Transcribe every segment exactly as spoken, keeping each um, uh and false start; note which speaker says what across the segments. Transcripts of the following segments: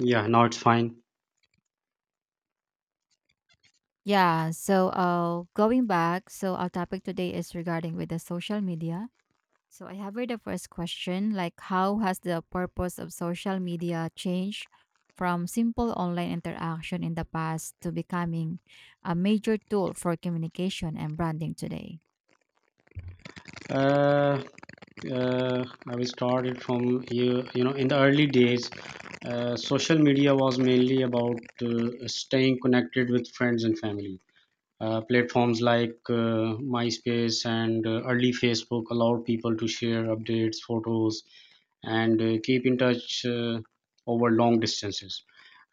Speaker 1: Yeah, now it's fine.
Speaker 2: Yeah, so uh, going back, so our topic today is regarding with the social media. So I have read the first question, like how has the purpose of social media changed from simple online interaction in the past to becoming a major tool for communication and branding today?
Speaker 1: Uh, uh, I will start it from you. You know, In the early days, uh, social media was mainly about uh, staying connected with friends and family. Uh, platforms like uh, MySpace and uh, early Facebook allowed people to share updates, photos, and uh, keep in touch uh, over long distances.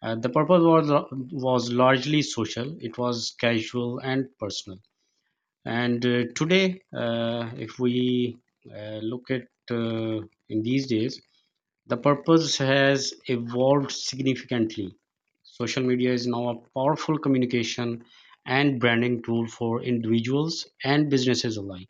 Speaker 1: Uh, the purpose was uh, was largely social. It was casual and personal. And uh, today, uh, if we uh, look at uh, in these days, the purpose has evolved significantly. Social media is now a powerful communication and branding tool for individuals and businesses alike,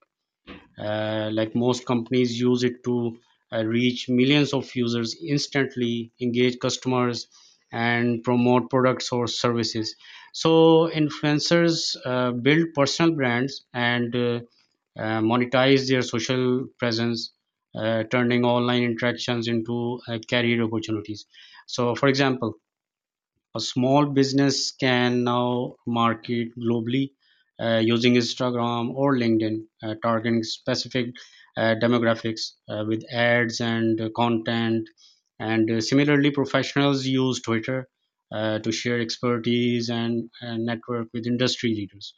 Speaker 1: uh, like most companies use it to uh, reach millions of users, instantly engage customers, and promote products or services. So influencers uh, build personal brands and uh, uh, monetize their social presence, uh, turning online interactions into uh, career opportunities. So for example, a small business can now market globally, uh, using Instagram or LinkedIn, uh, targeting specific uh, demographics uh, with ads and uh, content. And uh, similarly, professionals use Twitter uh, to share expertise and, and network with industry leaders.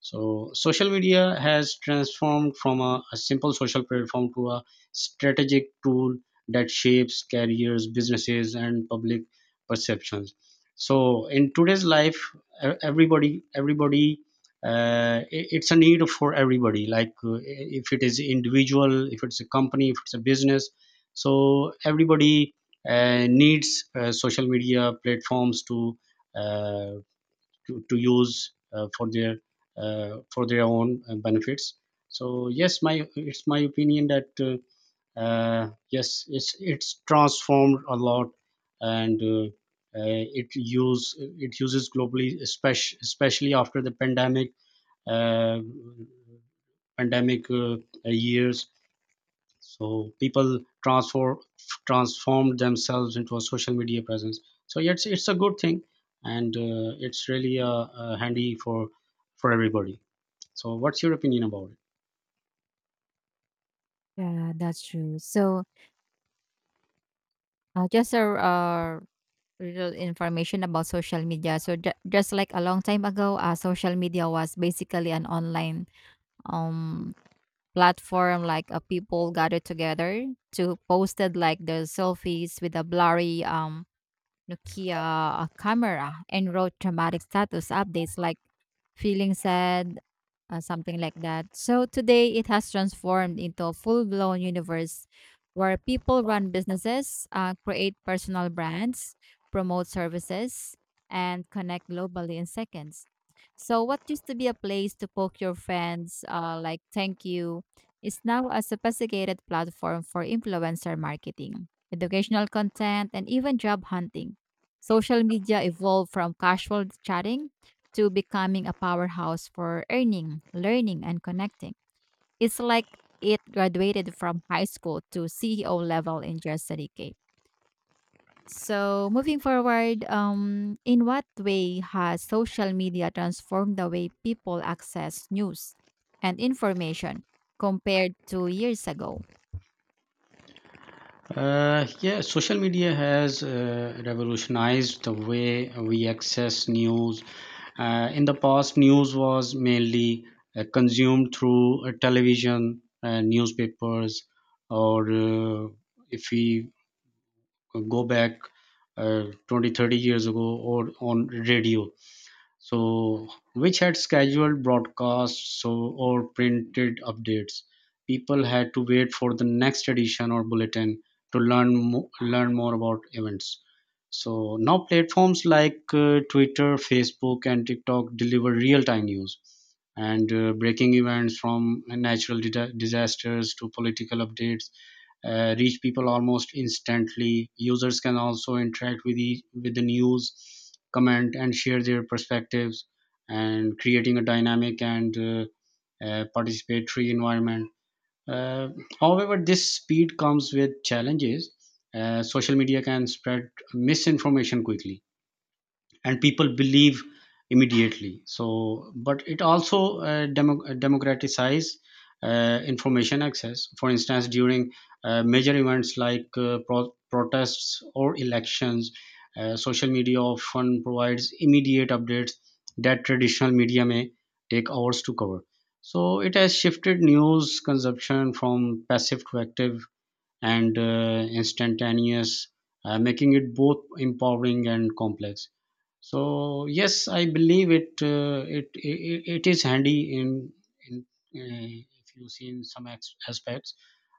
Speaker 1: So social media has transformed from a, a simple social platform to a strategic tool that shapes careers, businesses, and public perceptions. So in today's life, e- everybody, everybody, uh, i- it's a need for everybody. Like, uh, if it is individual, if it's a company, if it's a business, so everybody uh, needs uh, social media platforms to uh, to, to use uh, for their uh, for their own uh, benefits. So yes, my it's my opinion that uh, uh, yes, it's it's transformed a lot, and uh, uh, it use it uses globally, especially especially after the pandemic, uh, pandemic uh, years. So people transform transformed themselves into a social media presence. So yeah, it's it's a good thing, and uh, it's really uh, uh, handy for for everybody. So what's your opinion about it?
Speaker 2: Yeah, that's true. So uh, just a uh, little information about social media. So ju- just like a long time ago, uh, social media was basically an online um platform like uh, people gathered together to posted like their selfies with a blurry um Nokia uh, camera and wrote dramatic status updates like feeling sad, uh, something like that. So today it has transformed into a full blown universe where people run businesses, uh, create personal brands, promote services, and connect globally in seconds. So what used to be a place to poke your friends, uh, like thank you, is now a sophisticated platform for influencer marketing, educational content, and even job hunting. Social media evolved from casual chatting to becoming a powerhouse for earning, learning, and connecting. It's like it graduated from high school to C E O level in just a decade. So, moving forward, um, in what way has social media transformed the way people access news and information compared to years ago?
Speaker 1: Uh, yeah, social media has uh, revolutionized the way we access news. Uh, in the past, news was mainly uh, consumed through uh, television, uh, newspapers, or uh, if we go back uh, twenty thirty years ago, or on radio, so which had scheduled broadcasts, so or printed updates. People had to wait for the next edition or bulletin to learn mo- learn more about events. So now platforms like uh, Twitter, Facebook, and TikTok deliver real time news, and uh, breaking events from natural dida- disasters to political updates uh, reach people almost instantly. Users can also interact with the with the news, comment, and share their perspectives, and creating a dynamic and uh, uh, participatory environment. Uh, However, this speed comes with challenges. Uh, social media can spread misinformation quickly and people believe immediately. So but it also uh, demo- uh, democratize uh, information access. For instance, during uh, major events like uh, pro- protests or elections, uh, social media often provides immediate updates that traditional media may take hours to cover. So it has shifted news consumption from passive to active and uh, instantaneous, uh, making it both empowering and complex. So yes, I believe it, uh, it, it it is handy in in uh, if you see in some ex- aspects.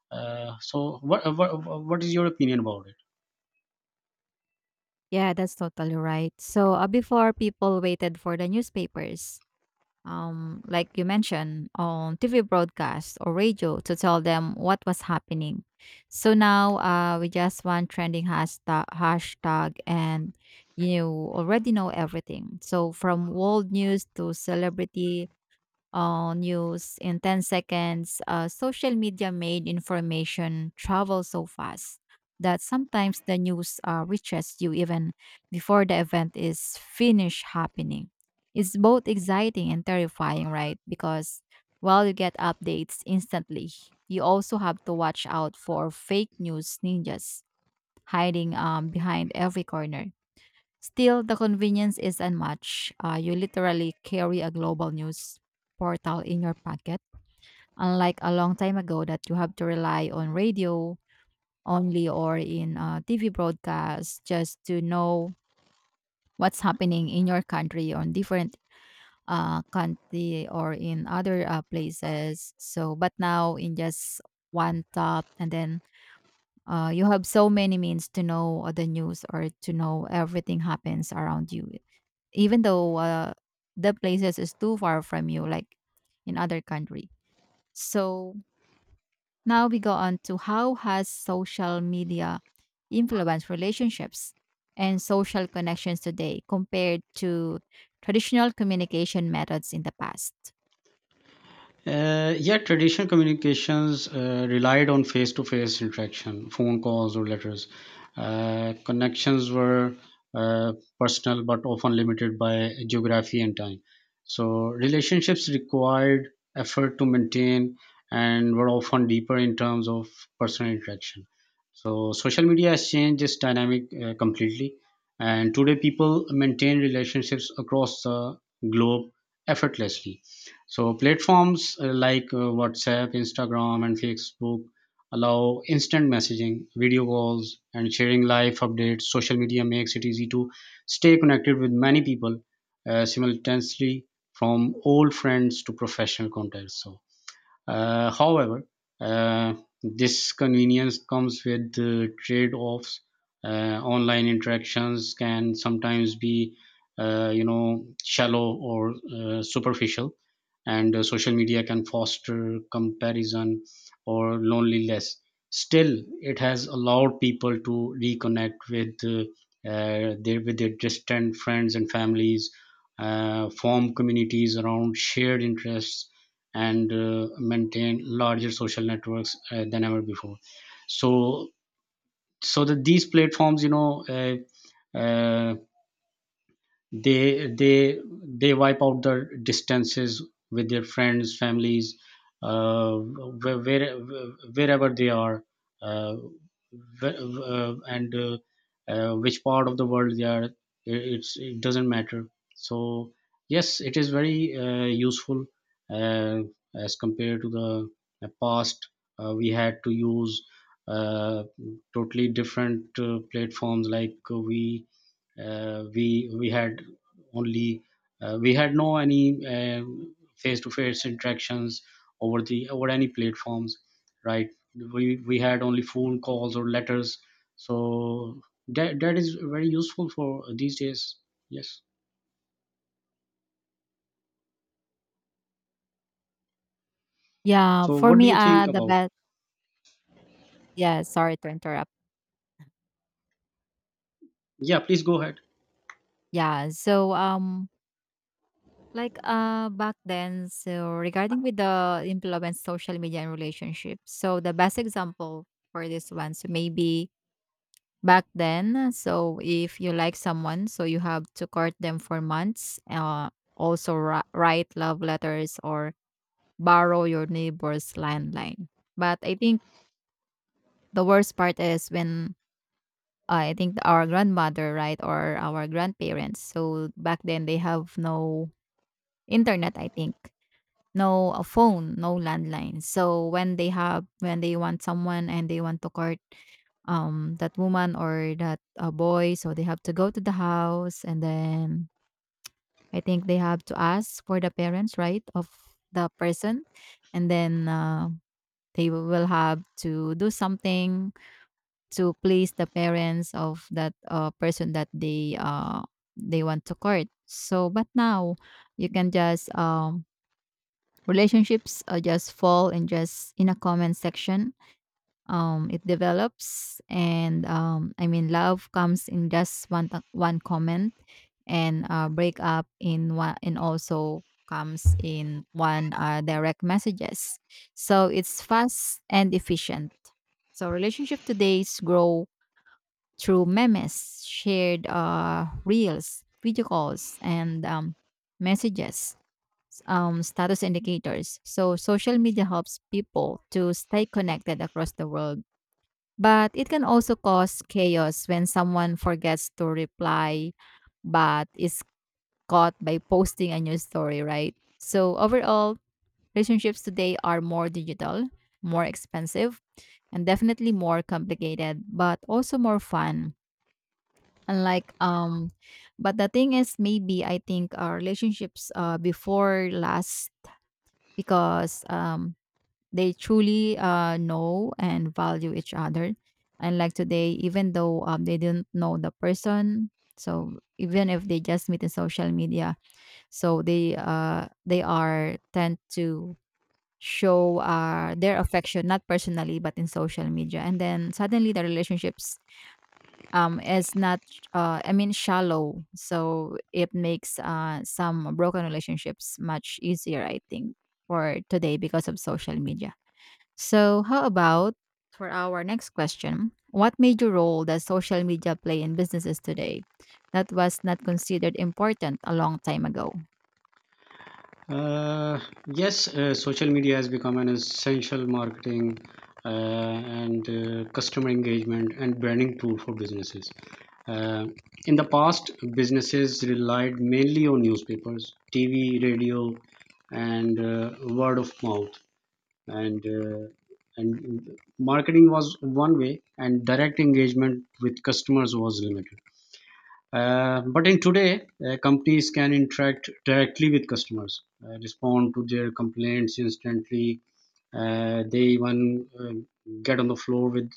Speaker 1: Uh, so what, what what is your opinion about it?
Speaker 2: Yeah, that's totally right. So uh, before people waited for the newspapers, um, like you mentioned, on T V broadcast or radio to tell them what was happening. So now uh, we just want trending hashtag, hashtag and you already know everything. So from world news to celebrity uh, news in ten seconds, uh, social media made information travel so fast that sometimes the news uh, reaches you even before the event is finished happening. It's both exciting and terrifying, right? Because while you get updates instantly, you also have to watch out for fake news ninjas hiding um, behind every corner. Still, the convenience is unmatched. Uh, you literally carry a global news portal in your pocket, unlike a long time ago that you have to rely on radio only or in uh, T V broadcasts just to know what's happening in your country on different uh, country or in other uh, places. So, but now in just one tap, and then uh, you have so many means to know uh, the news or to know everything happens around you, even though uh, the places is too far from you like in other country. So now we go on to, how has social media influenced relationships and social connections today compared to traditional communication methods in the past?
Speaker 1: Uh, yeah, traditional communications uh, relied on face to face interaction, phone calls, or letters. Uh, connections were uh, personal but often limited by geography and time. So relationships required effort to maintain and were often deeper in terms of personal interaction. So social media has changed this dynamic uh, completely. And today, people maintain relationships across the globe effortlessly. So platforms uh, like uh, WhatsApp, Instagram, and Facebook allow instant messaging, video calls, and sharing live updates. Social media makes it easy to stay connected with many people uh, simultaneously, from old friends to professional contacts. So uh, however, uh, this convenience comes with the trade-offs. Uh, online interactions can sometimes be, uh, you know, shallow or uh, superficial, and uh, social media can foster comparison or loneliness. Still, it has allowed people to reconnect with uh, uh, their with their distant friends and families, uh, form communities around shared interests, and uh, maintain larger social networks uh, than ever before. So so that these platforms, you know, uh, uh, they they they wipe out the distances with their friends, families, uh, where, where wherever they are, uh, where, uh, and uh, uh, which part of the world they are, it- it's, it doesn't matter. So yes, it is very uh, useful uh, as compared to the uh, past. Uh, we had to use uh, totally different uh, platforms, like uh, we uh, we we had only uh, we had no any face to face interactions over the over any platforms, right? We we had only phone calls or letters. So that that is very useful for these days. Yes,
Speaker 2: Yeah
Speaker 1: so
Speaker 2: for
Speaker 1: what do
Speaker 2: me
Speaker 1: you
Speaker 2: uh
Speaker 1: think
Speaker 2: the
Speaker 1: about?
Speaker 2: best Yeah, sorry to interrupt.
Speaker 1: Yeah, please go ahead.
Speaker 2: Yeah, so um like, uh, back then, so regarding with the influence social media and relationships, so the best example for this one, so maybe back then, so if you like someone, so you have to court them for months, uh, also ri- write love letters or borrow your neighbor's landline. But I think the worst part is when uh, I think our grandmother, right, or our grandparents, so back then they have no internet, I think. No a phone, no landline. So when they have when they want someone and they want to court um that woman or that uh, boy, so they have to go to the house and then I think they have to ask for the parents, right, of the person, and then uh, they will have to do something to please the parents of that uh, person that they uh they want to court. So, but now you can just um relationships uh, just fall in just in a comment section. Um it develops and um I mean love comes in just one t- one comment and uh break up in one and also comes in one uh, direct messages. So it's fast and efficient. So relationship today's grow through memes shared uh reels video calls and um messages, um, status indicators. So, social media helps people to stay connected across the world, but it can also cause chaos when someone forgets to reply but is caught by posting a new story, right? So, overall, relationships today are more digital, more expensive, and definitely more complicated, but also more fun. Unlike um, but the thing is, maybe I think our relationships uh before last because um they truly uh, know and value each other. And like today, even though um, they didn't know the person, so even if they just meet in social media, so they uh, they are tend to show uh, their affection not personally but in social media, and then suddenly the relationships um is not uh I mean shallow. So it makes uh some broken relationships much easier I think for today because of social media. So, how about for our next question? What major role does social media play in businesses today that was not considered important a long time ago?
Speaker 1: Uh, yes, uh, social media has become an essential marketing uh, and uh, customer engagement and branding tool for businesses. Uh, in the past, businesses relied mainly on newspapers, T V, radio, and uh, word of mouth. And uh, and marketing was one way, and direct engagement with customers was limited. Uh, but in today, uh, companies can interact directly with customers, uh, respond to their complaints instantly. Uh, they even uh, get on the floor with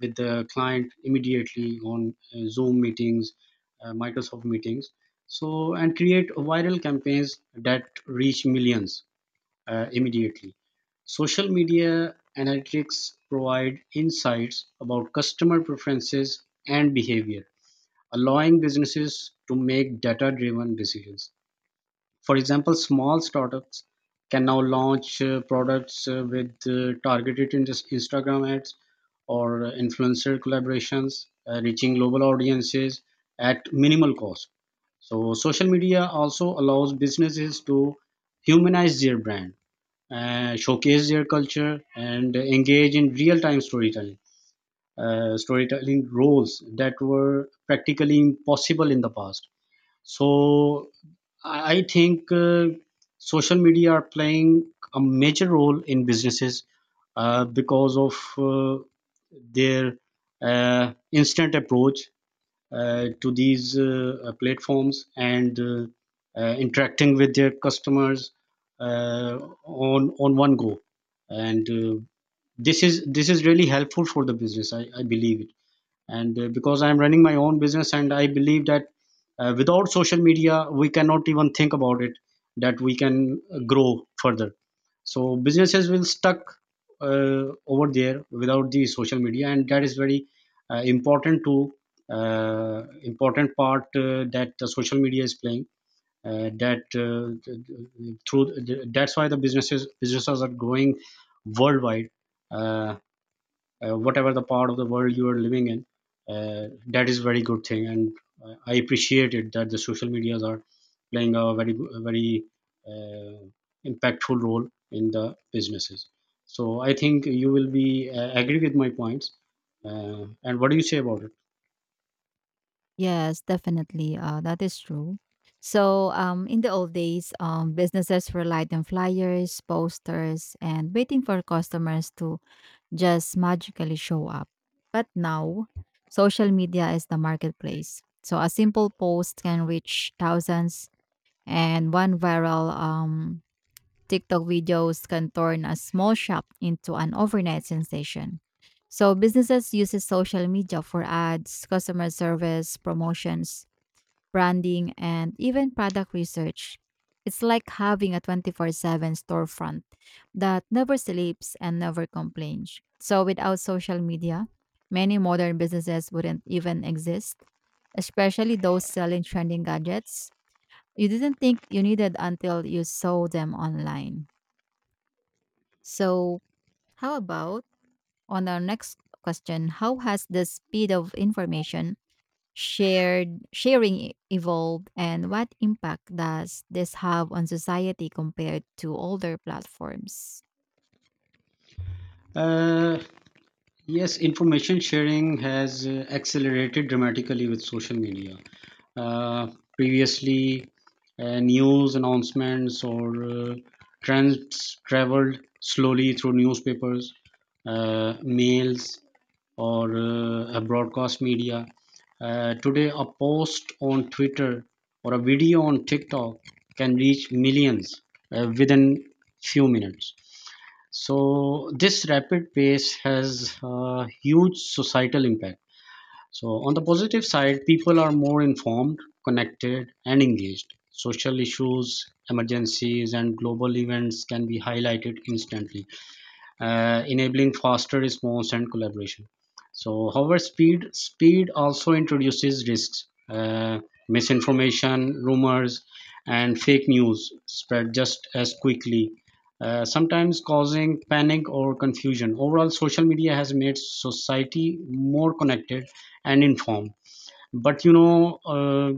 Speaker 1: with the client immediately on uh, Zoom meetings, uh, Microsoft meetings. So and create viral campaigns that reach millions uh, immediately. Social media analytics provide insights about customer preferences and behavior, allowing businesses to make data driven decisions. For example, small startups can now launch uh, products uh, with uh, targeted in- Instagram ads or uh, influencer collaborations, uh, reaching global audiences at minimal cost. So social media also allows businesses to humanize their brand, uh, showcase their culture, and engage in real time storytelling uh, storytelling roles that were practically impossible in the past. So I I think, uh, social media are playing a major role in businesses uh, because of uh, their uh, instant approach uh, to these uh, uh, platforms, and uh, uh, interacting with their customers uh, on on one go, and uh, this is this is really helpful for the business. i, I believe it, and uh, because I'm running my own business, and I believe that uh, without social media we cannot even think about it, that we can uh, grow further. So businesses will stuck uh, over there without the social media, and that is very uh, important to uh, important part uh, that the social media is playing, uh, that uh, th- th- through th- that's why the businesses businesses are growing worldwide. Uh, uh, Whatever the part of the world you are living in, uh, that is very good thing, and uh, I appreciate it that the social medias are playing a very go- a very uh, impactful role in the businesses. So I think you will be uh, agree with my points, uh, and what do you say about it?
Speaker 2: Yes, definitely. Uh, that is true. So, um, in the old days, um, businesses relied on flyers, posters, and waiting for customers to just magically show up. But now, social media is the marketplace. So, a simple post can reach thousands and one viral um, TikTok videos can turn a small shop into an overnight sensation. So businesses uses social media for ads, customer service, promotions, branding, and even product research. It's like having a twenty-four seven storefront that never sleeps and never complains. So without social media, many modern businesses wouldn't even exist, especially those selling trending gadgets you didn't think you needed until you saw them online. So, how about on our next question? How has the speed of information shared sharing e- evolved, and what impact does this have on society compared to older platforms?
Speaker 1: uh, yes, information sharing has uh, accelerated dramatically with social media. uh, Previously, uh, news announcements or uh, trends traveled slowly through newspapers, uh, mails, or uh, a broadcast media. Uh, today, a post on Twitter or a video on TikTok can reach millions uh, within few minutes. So this rapid pace has uh, huge societal impact. So on the positive side, people are more informed, connected, and engaged. Social issues, emergencies, and global events can be highlighted instantly, uh, enabling faster response and collaboration. So however, speed speed also introduces risks. Uh, misinformation, rumors, and fake news spread just as quickly, uh, sometimes causing panic or confusion. Overall, social media has made society more connected and informed. But you know, uh,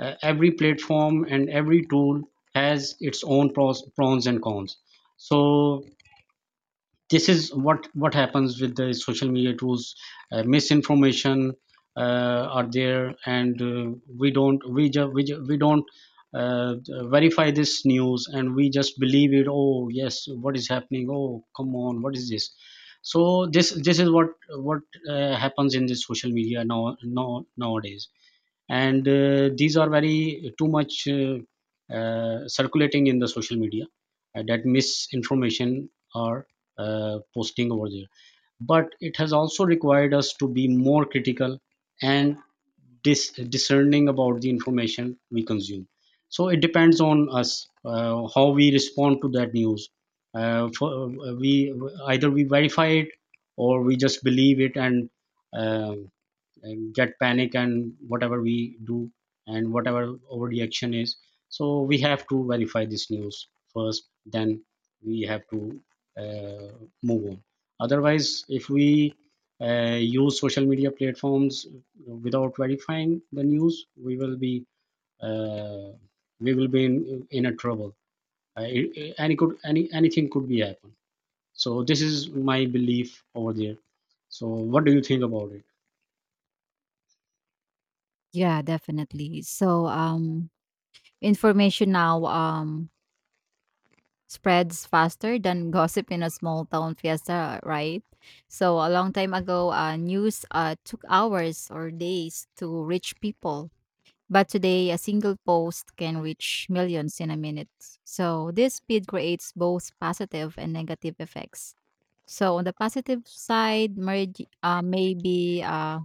Speaker 1: uh, every platform and every tool has its own pros, pros and cons. So this is what what happens with the social media tools. Uh, misinformation uh, are there, and uh, we don't we just we, ju- we don't uh, verify this news and we just believe it. Oh yes, what is happening? Oh come on, what is this? So this this is what what uh, happens in this social media now, now, nowadays. And uh, these are very, uh, too much, uh, uh, circulating in the social media, uh, that misinformation are uh, posting over there. But it has also required us to be more critical and dis- discerning about the information we consume. So it depends on us uh, how we respond to that news. Uh, for, uh, we either we verify it or we just believe it and uh, and get panic and whatever we do, and whatever overreaction is. So we have to verify this news first, then we have to uh, move on. Otherwise, if we uh, use social media platforms without verifying the news, we will be, uh, we will be in, in a trouble. Uh, it- it- any could any anything could be happen. So this is my belief over there. So what do you think about it?
Speaker 2: Yeah, definitely. So, um, information now um spreads faster than gossip in a small town fiesta, right? So, a long time ago, uh, news uh took hours or days to reach people. But today, a single post can reach millions in a minute. So, this speed creates both positive and negative effects. So, on the positive side, merge, uh, maybe uh,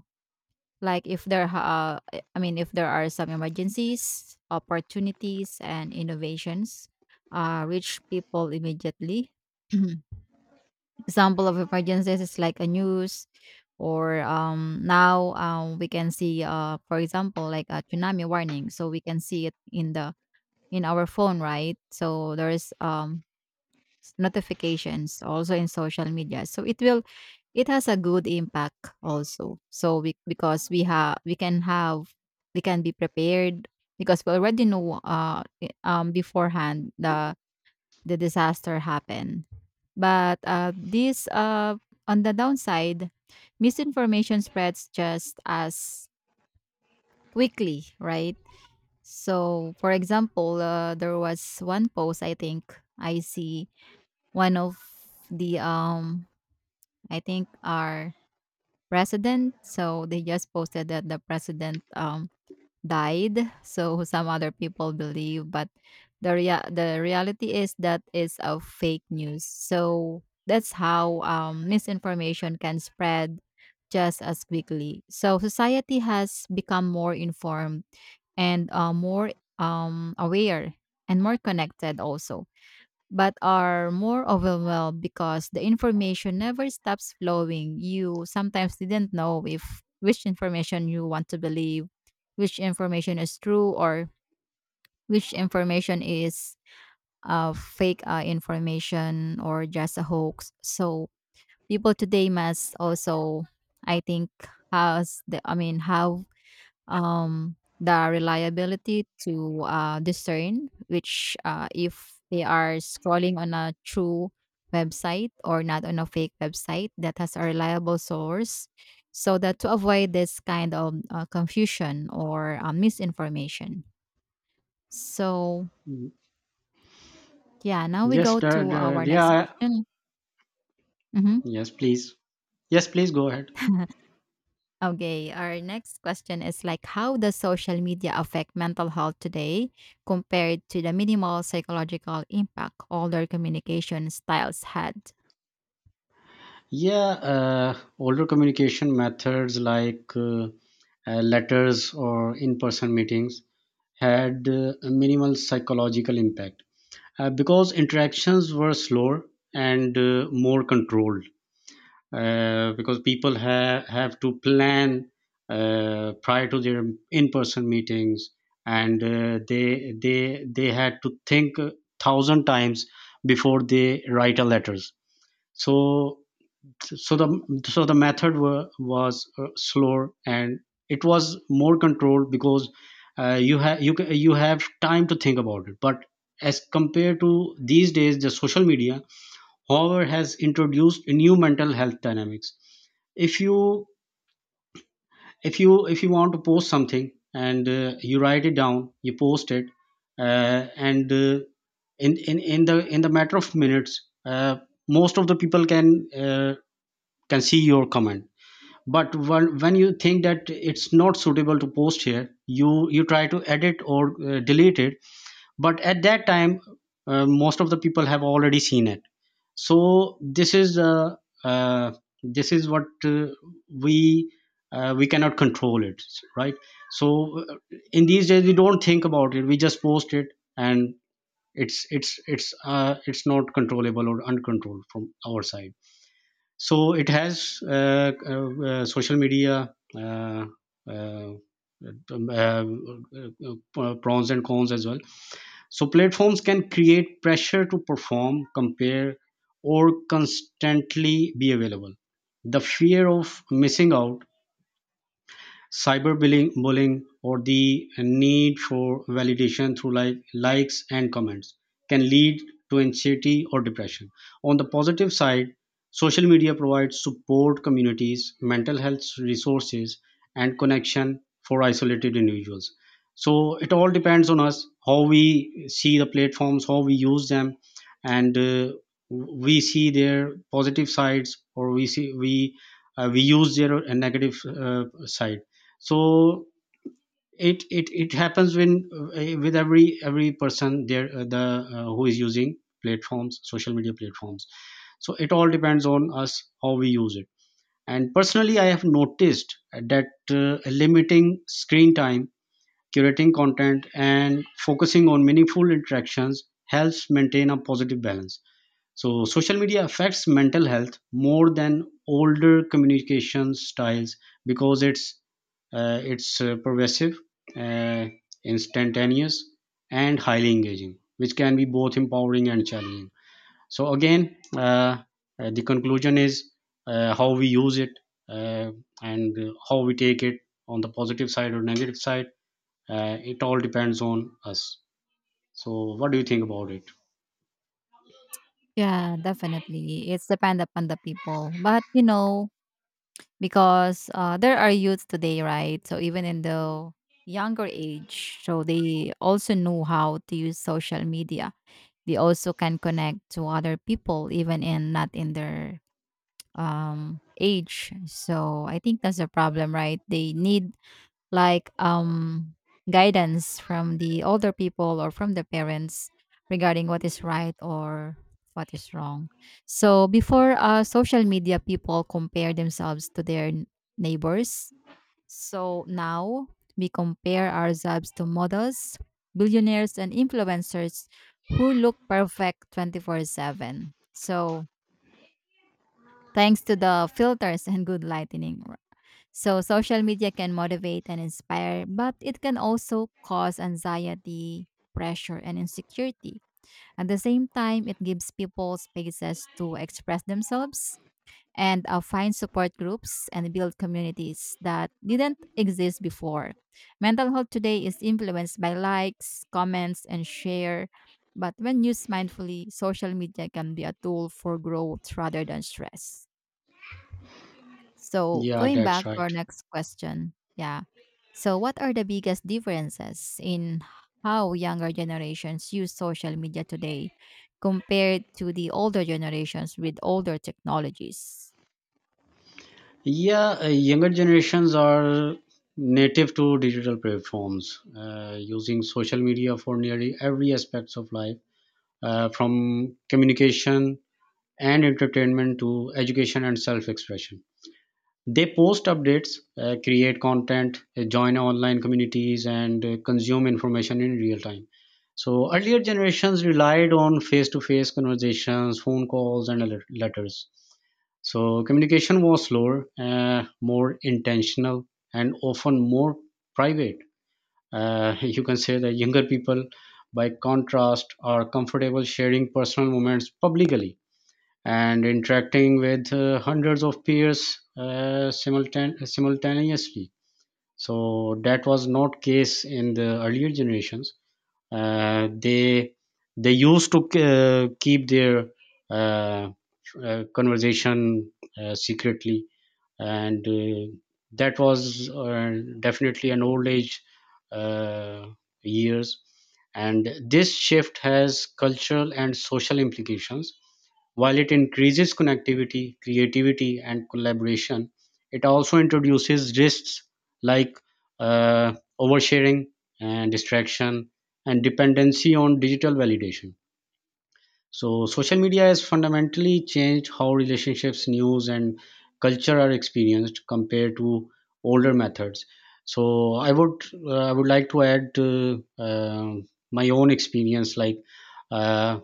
Speaker 2: like if there, ha- uh, I mean, if there are some emergencies, opportunities, and innovations, uh, reach people immediately. Example of emergencies is like a news or um now um we can see uh for example like a tsunami warning, so we can see it in the in our phone, right? So there is um s- notifications also in social media, so it will it has a good impact also. So we, because we have we can have, we can be prepared because we already know uh i- um beforehand the the disaster happened. But, uh, this, uh, on the downside, misinformation spreads just as quickly, right? So, for example, uh, there was one post I think I see one of the um I think our president. So they just posted that the president um died, so some other people believe. But the rea- the reality is that is a fake news. So that's how um, misinformation can spread just as quickly. So society has become more informed and uh, more um, aware and more connected also, but are more overwhelmed because the information never stops flowing. You sometimes didn't know if which information you want to believe, which information is true, or which information is uh, fake uh, information or just a hoax. So people today must also, I think, has the I mean, have um, the reliability to uh, discern which uh, if they are scrolling on a true website or not on a fake website that has a reliable source, so that to avoid this kind of uh, confusion or uh, misinformation. So yeah, now we
Speaker 1: Yes,
Speaker 2: go
Speaker 1: da-
Speaker 2: to
Speaker 1: da-
Speaker 2: our next
Speaker 1: yeah.
Speaker 2: question. Mhm.
Speaker 1: Yes, please. Yes, please go ahead.
Speaker 2: Okay, our next question is like, how does social media affect mental health today compared to the minimal psychological impact older communication styles had?
Speaker 1: Yeah, uh, older communication methods like uh, uh, letters or in person meetings had uh, a minimal psychological impact, uh, because interactions were slower and uh, more controlled. Uh, because people have have to plan uh, prior to their in-person meetings, and uh, they they they had to think a thousand times before they write a letters. So so the so the method wa- was, uh, slower, and it was more controlled because uh, you have you ca- you have time to think about it. But as compared to these days, the social media however has introduced new mental health dynamics. if you if you if you want to post something and uh, you write it down, you post it, uh, and uh, in, in in the in the matter of minutes, uh, most of the people can uh, can see your comment. But when, when you think that it's not suitable to post here, you you try to edit or uh, delete it. But at that time, uh, most of the people have already seen it. So this is, uh, uh, this is what uh, we uh, we cannot control it, right? So uh, in these days we don't think about it, we just post it, and it's it's it's uh, it's not controllable or uncontrolled from our side. So it has, uh, uh, uh, social media uh, uh, um, uh, uh, uh, pros and cons as well. So platforms can create pressure to perform, compare, or constantly be available. The fear of missing out, cyberbullying bullying, or the need for validation through like likes and comments can lead to anxiety or depression. On the positive side, social media provides support communities, mental health resources, and connection for isolated individuals. So it all depends on us how we see the platforms, how we use them, and uh, we see their positive sides, or we see we uh, we use their uh, negative uh, side. So it it, it happens when uh, with every every person there, uh, the uh, who is using platforms social media platforms. So it all depends on us how we use it. And personally, I have noticed that uh, limiting screen time, curating content, and focusing on meaningful interactions helps maintain a positive balance. So social media affects mental health more than older communication styles because it's, uh, it's, uh, pervasive, uh, instantaneous, and highly engaging, which can be both empowering and challenging. So again, uh, uh, the conclusion is uh, how we use it, uh, and uh, how we take it, on the positive side or negative side. Uh, it all depends on us. So what do you think about it?
Speaker 2: Yeah, definitely. It's depend upon the people. But you know, because uh, there are youths today, right? So even in the younger age, so they also know how to use social media. They also can connect to other people even in not in their um age. So I think that's a problem, right? They need like um guidance from the older people or from the parents regarding what is right or what is wrong. So before uh social media people compare themselves to their n- neighbors. So now we compare ourselves to models, billionaires and influencers who look perfect twenty-four seven, so thanks to the filters and good lighting. So, social media can motivate and inspire, but it can also cause anxiety, pressure, and insecurity. At the same time, it gives people spaces to express themselves and uh, find support groups and build communities that didn't exist before. Mental health today is influenced by likes, comments, and share. But when used mindfully, social media can be a tool for growth rather than stress. So
Speaker 1: Yeah,
Speaker 2: going
Speaker 1: that's
Speaker 2: back to our
Speaker 1: right.
Speaker 2: next question, yeah. So what are the biggest differences in how younger generations use social media today compared to the older generations with older technologies?
Speaker 1: Yeah, uh, younger generations are native to digital platforms, uh, using social media for nearly every aspects of life, uh, from communication and entertainment to education and self-expression. They post updates, uh, create content, uh, join online communities, and uh, consume information in real time. So earlier generations relied on face-to-face conversations, phone calls, and le- letters. So communication was slower, uh, more intentional, and often more private. Uh, you can say that younger people, by contrast, are comfortable sharing personal moments publicly and interacting with uh, hundreds of peers, uh, simultan- simultaneously. So that was not case in the earlier generations. Uh, they they used to uh, keep their uh, uh, conversation uh, secretly, and uh, that was uh, definitely an old age uh, years. And this shift has cultural and social implications. While it increases connectivity, creativity, and collaboration, it also introduces risks like uh, oversharing, and distraction, and dependency on digital validation. So, social media has fundamentally changed how relationships, news, and culture are experienced compared to older methods. So, I would, uh, I would like to add uh, um my own experience. Like, uh,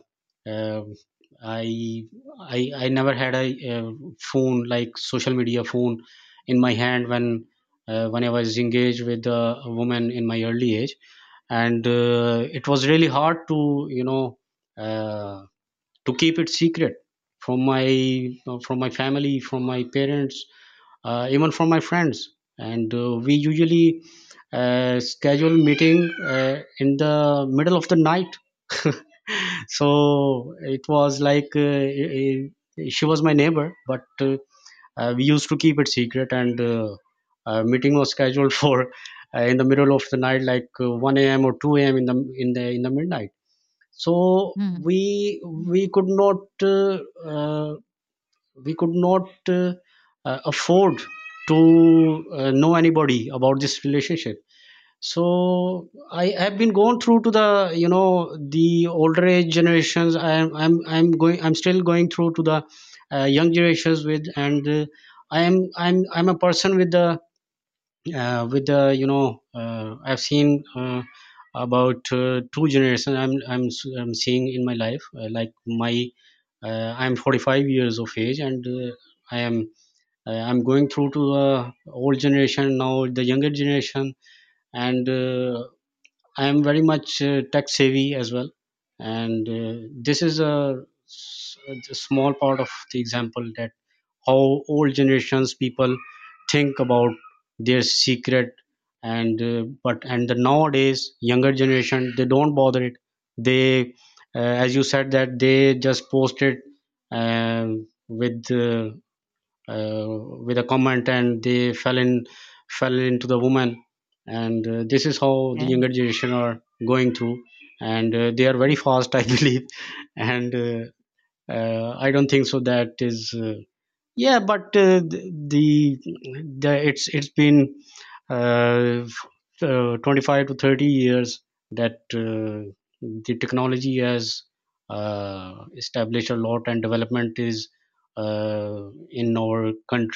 Speaker 1: um I I I never had a, uh phone, like social media phone, in my hand when, uh, when I was engaged with a woman in my early age, and uh, it was really hard to, you know. Uh, to keep it secret from my, uh, from my family, from my parents, uh, even from my friends. And uh, we usually uh, schedule meeting uh, in the middle of the night. So it was like, uh, eh, eh, she was my neighbor, but uh, uh, we used to keep it secret, and uh, uh, meeting was scheduled for uh, in the middle of the night, like uh, one a m a.m or two a m a.m in the in the in the midnight. So
Speaker 2: Mm.
Speaker 1: we we could not, uh, uh, we could not, uh, uh, afford to uh, know anybody about this relationship. So I have been going through to, the you know, the older age generations. I am i'm i'm going i'm still going through to the uh, young generations with. And uh, I am i'm i'm a person with the uh, with the, you know, uh, I've seen uh, about uh, two generations. I'm, I'm s- I'm seeing in my life, uh, like my uh, I'm forty-five years of age, and uh, I am, uh, I'm going through to uh, old generation, now the younger generation. And uh, I am very much uh, tech savvy as well, and uh, this is a, s- a small part of the example, that how old generations people think about their secret. And uh, but and the nowadays younger generation, they don't bother it. They, uh, as you said, that they just post it um with, uh, uh, with a comment, and they fell in fell into the woman. And uh, this is how the
Speaker 2: Yes.
Speaker 1: younger generation are going through. And uh, they are very fast, I believe. And uh, uh, I don't think so that is uh, yeah. But uh, th- the, the it's it's been, uh, f- uh, twenty-five to thirty years that uh, the technology has uh, established a lot, and development is uh, in our country.